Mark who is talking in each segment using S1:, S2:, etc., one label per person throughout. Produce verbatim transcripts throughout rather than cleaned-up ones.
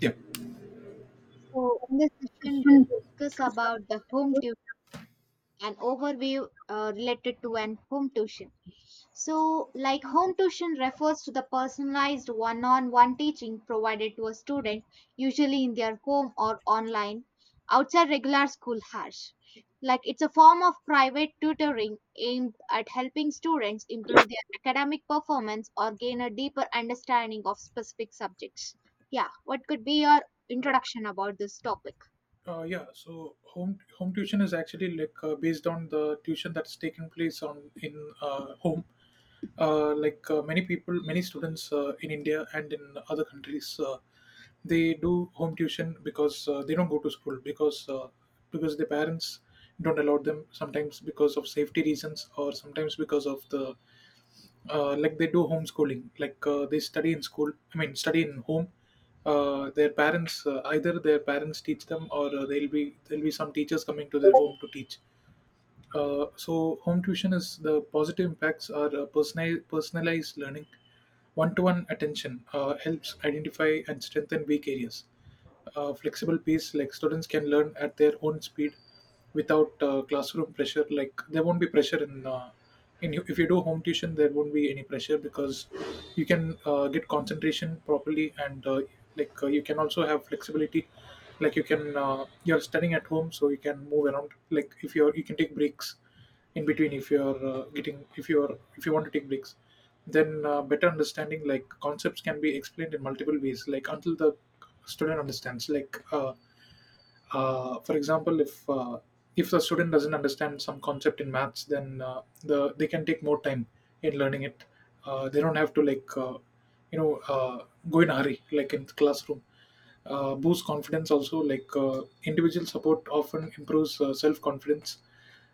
S1: Yeah.
S2: So, in this session, we'll
S1: Mm.
S2: discuss about the home tuition and overview uh, related to an home tuition. So, like home tuition refers to the personalized one-on-one teaching provided to a student, usually in their home or online, outside regular school hours. Like it's a form of private tutoring aimed at helping students improve their academic performance or gain a deeper understanding of specific subjects. Yeah, what could be your introduction about this topic?
S1: Uh, yeah, so home home tuition is actually like uh, based on the tuition that's taking place on in uh, home. Uh, like uh, many people, many students uh, in India and in other countries, uh, they do home tuition because uh, they don't go to school because uh, because their parents don't allow them. Sometimes because of safety reasons, or sometimes because of the uh, like they do homeschooling like uh, they study in school I mean study in home. Uh, their parents, uh, either their parents teach them or uh, there'll be there'll be some teachers coming to their home to teach. Uh, so home tuition is, the positive impacts are, uh, personal, personalized learning, one-to-one attention, uh, helps identify and strengthen weak areas, uh, flexible pace, like students can learn at their own speed without uh, classroom pressure. Like there won't be pressure in uh, in if you do home tuition, there won't be any pressure because you can uh, get concentration properly, and uh, like uh, you can also have flexibility. Like you can uh, you're studying at home so you can move around, like if you're you can take breaks in between if you're uh, getting if you're if you want to take breaks. Then uh, better understanding, like concepts can be explained in multiple ways like until the student understands. Like uh, uh, for example, if uh, if the student doesn't understand some concept in maths, then uh, the they can take more time in learning it. Uh, they don't have to like uh, you know uh, go in a hurry like in the classroom. Uh, boost confidence also, like uh, individual support often improves uh, self confidence.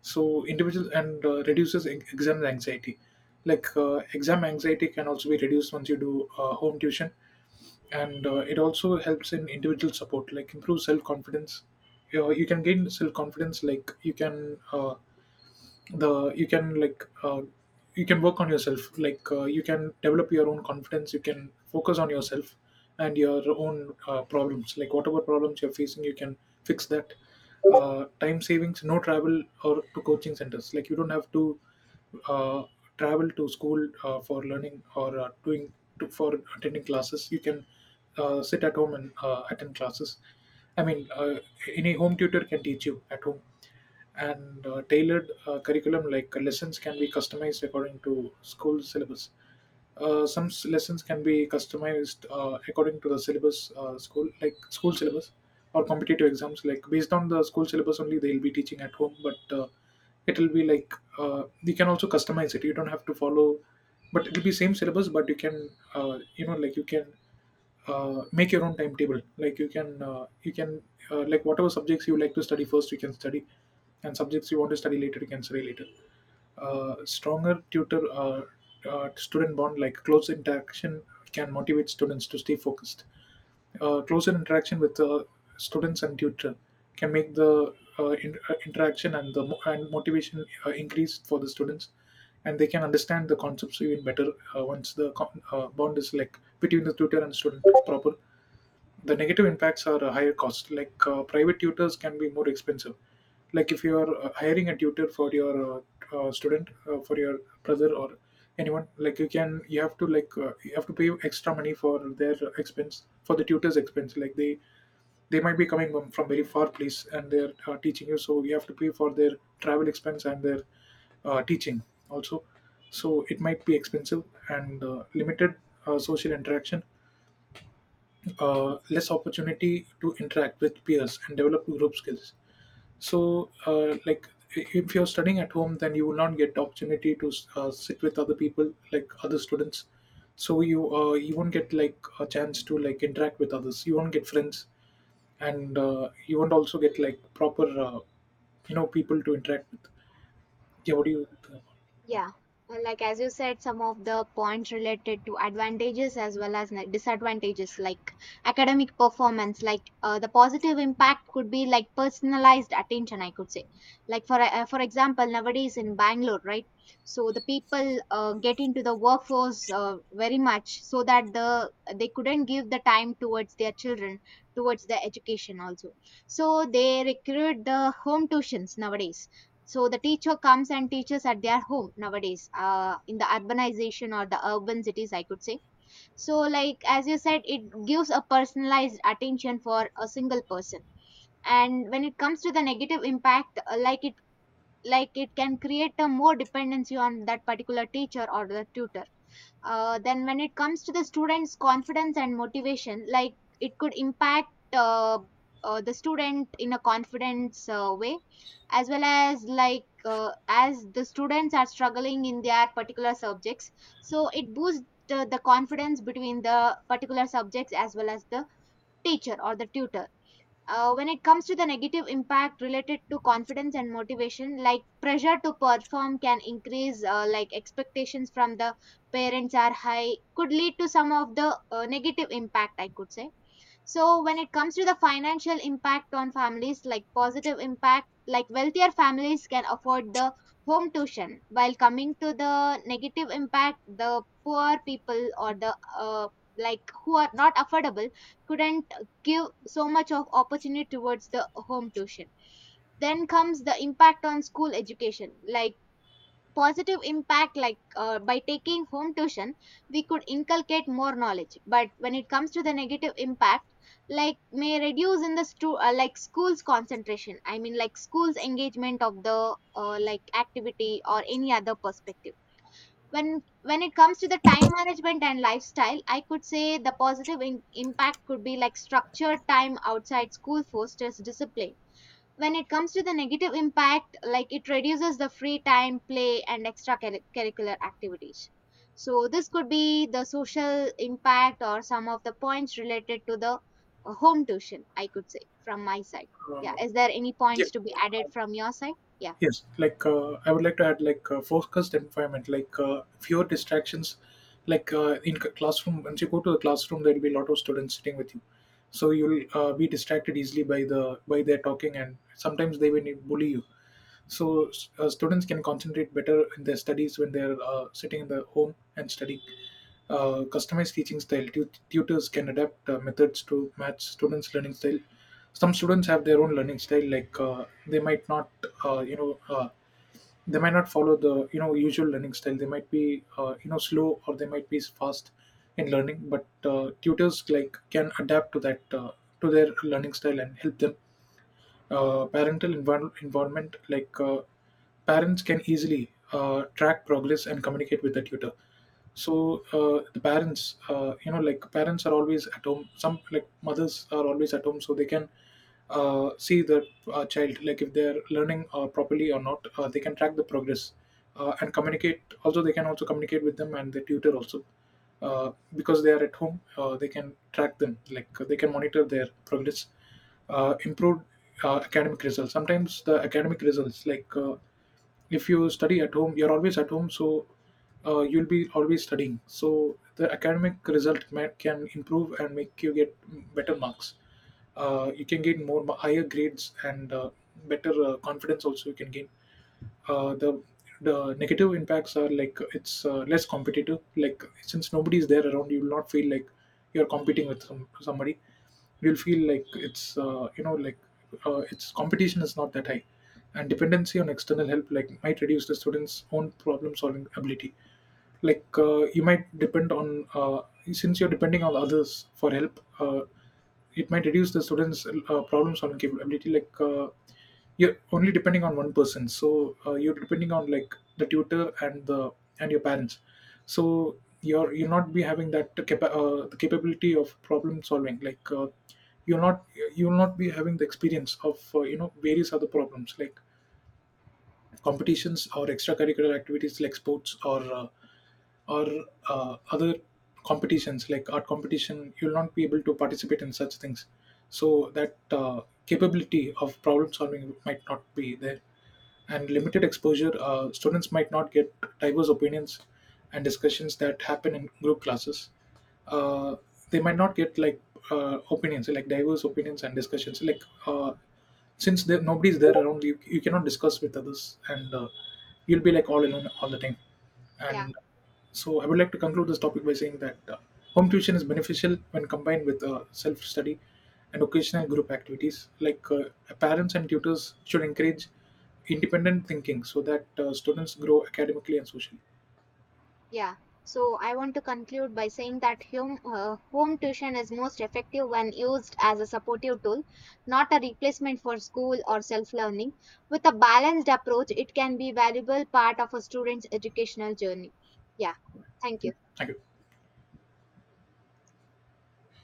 S1: So individual, and uh, reduces e- exam anxiety, like uh, exam anxiety can also be reduced once you do uh, home tuition. And uh, it also helps in individual support like improve self-confidence. you, you can gain self-confidence, like you can uh, the you can like uh, you can work on yourself. Like uh, you can develop your own confidence, you can focus on yourself and your own uh, problems. Like whatever problems you're facing you can fix that. Uh, time savings, no travel or to coaching centers, like you don't have to uh, travel to school uh, for learning or uh, doing to, for attending classes. You can uh, sit at home and uh, attend classes. I mean, uh, any home tutor can teach you at home. And uh, tailored uh, curriculum, like lessons can be customized according to school syllabus. Uh, some s- lessons can be customized uh, according to the syllabus, uh, school like school syllabus or competitive exams, like based on the school syllabus only they'll be teaching at home. But uh, it'll be like uh, you can also customize it, you don't have to follow. But it'll be same syllabus, but you can uh, you know like you can uh, make your own timetable, like you can uh, you can uh, like whatever subjects you like to study first you can study, and subjects you want to study later you can study later. Uh, stronger tutor uh, uh, student bond, like close interaction can motivate students to stay focused. Uh, closer interaction with uh, students and tutor can make the uh, in- uh, interaction and the mo- and motivation uh, increase for the students, and they can understand the concepts even better uh, once the con- uh, bond is, like between the tutor and student is proper. The negative impacts are a higher cost, like uh, private tutors can be more expensive. Like if you are uh, hiring a tutor for your uh, uh, student uh, for your brother or anyone, like you can you have to like uh, you have to pay extra money for their expense, for the tutor's expense. Like they they might be coming from from very far place, and they're uh, teaching you, so you have to pay for their travel expense and their uh, teaching also. So it might be expensive. And uh, limited uh, social interaction, uh, less opportunity to interact with peers and develop group skills. So, uh, like i- if you're studying at home, then you will not get the opportunity to uh, sit with other people, like other students. So you uh, you won't get like a chance to like interact with others. You won't get friends, and uh, you won't also get like proper uh, you know people to interact with. Yeah, what do you?
S2: Yeah, well, like as you said, some of the points related to advantages as well as ne- disadvantages, like academic performance, like uh, the positive impact could be like personalized attention, I could say. Like for uh, for example, nowadays in Bangalore, right? So the people uh, get into the workforce uh, very much so that the they couldn't give the time towards their children, towards their education also. So they recruit the home tuitions nowadays, so the teacher comes and teaches at their home nowadays, uh, in the urbanization or the urban cities, I could say. So like as you said, it gives a personalized attention for a single person. And when it comes to the negative impact, uh, like it like it can create a more dependency on that particular teacher or the tutor. Uh, then when it comes to the students' confidence and motivation, like it could impact uh, uh, the student in a confidence uh, way, as well as like uh, as the students are struggling in their particular subjects, so it boosts the, the confidence between the particular subjects as well as the teacher or the tutor. Uh, when it comes to the negative impact related to confidence and motivation, like pressure to perform can increase, uh, like expectations from the parents are high, could lead to some of the uh, negative impact, I could say. So when it comes to the financial impact on families, like positive impact, like wealthier families can afford the home tuition, while coming to the negative impact, the poor people or the uh, like who are not affordable couldn't give so much of opportunity towards the home tuition. Then comes the impact on school education, like positive impact like uh, by taking home tuition, we could inculcate more knowledge. But when it comes to the negative impact, like may reduce in the stu- uh, like school's concentration, I mean like school's engagement of the uh, like activity or any other perspective. when when it comes to the time management and lifestyle, I could say the positive in- impact could be like structured time outside school fosters discipline. When it comes to the negative impact, like it reduces the free time, play and extra curri- curricular activities. So this could be the social impact or some of the points related to the uh, home tuition, I could say from my side. Yeah,
S1: Uh,
S2: is there any
S1: yeah,
S2: points to be added from your side? Yeah.
S1: Yes, like uh, I would like to add like uh, focused environment, like uh, fewer distractions. Like uh, in c- classroom, once you go to the classroom, there will be a lot of students sitting with you, so you'll uh, be distracted easily by the by their talking, and sometimes they will bully you. So uh, students can concentrate better in their studies when they're uh, sitting in the home and studying. Uh, customized teaching style. Tu- tutors can adapt uh, methods to match students' learning style. Some students have their own learning style, like uh, they might not, uh, you know, uh, they might not follow the you know usual learning style. They might be uh, you know slow, or they might be fast in learning, but uh, tutors like can adapt to that uh, to their learning style and help them. Uh, parental envir- environment, like uh, parents can easily uh, track progress and communicate with the tutor. So uh, the parents, uh, you know like parents are always at home, some like mothers are always at home, so they can uh, see the uh, child, like if they're learning uh, properly or not. Uh, they can track the progress, uh, and communicate also, they can also communicate with them and the tutor also. Uh, because they are at home, uh, they can track them, like they can monitor their progress. Uh, improved uh, academic results. Sometimes the academic results, like uh, if you study at home you're always at home, so uh, you'll be always studying, so the academic result ma- can improve and make you get better marks. Uh, you can gain more higher grades, and uh, better uh, confidence also you can gain. Uh, the the negative impacts are, like it's uh, less competitive. Like since nobody is there around, you will not feel like you're competing with some, somebody. You'll feel like it's uh, you know like uh, its competition is not that high. And dependency on external help, like might reduce the students' own problem solving ability. Like uh, you might depend on uh, since you're depending on others for help, uh, it might reduce the students uh, problem solving capability. Like uh, you're only depending on one person, so uh, you're depending on like the tutor and the and your parents. So you're you're not be having that capa- uh, the capability of problem solving. Like uh, you're not, you'll not be having the experience of uh, you know various other problems, like competitions or extracurricular activities, like sports or uh, or uh, other competitions like art competition. You'll not be able to participate in such things, so that uh, capability of problem solving might not be there. And limited exposure, uh, students might not get diverse opinions and discussions that happen in group classes. uh, they might not get like uh, opinions, like diverse opinions and discussions. Like uh, since there nobody's there around you, you cannot discuss with others, and uh, you'll be like all alone all the time.
S2: Yeah.
S1: And so I would like to conclude this topic by saying that uh, home tuition is beneficial when combined with uh, self study and occasional group activities. Like uh, parents and tutors should encourage independent thinking, so that uh, students grow academically and socially.
S2: Yeah. So I want to conclude by saying that home, uh, home tuition is most effective when used as a supportive tool, not a replacement for school or self-learning. With a balanced approach, it can be valuable part of a student's educational journey. Yeah. Thank you.
S1: Okay. Thank you.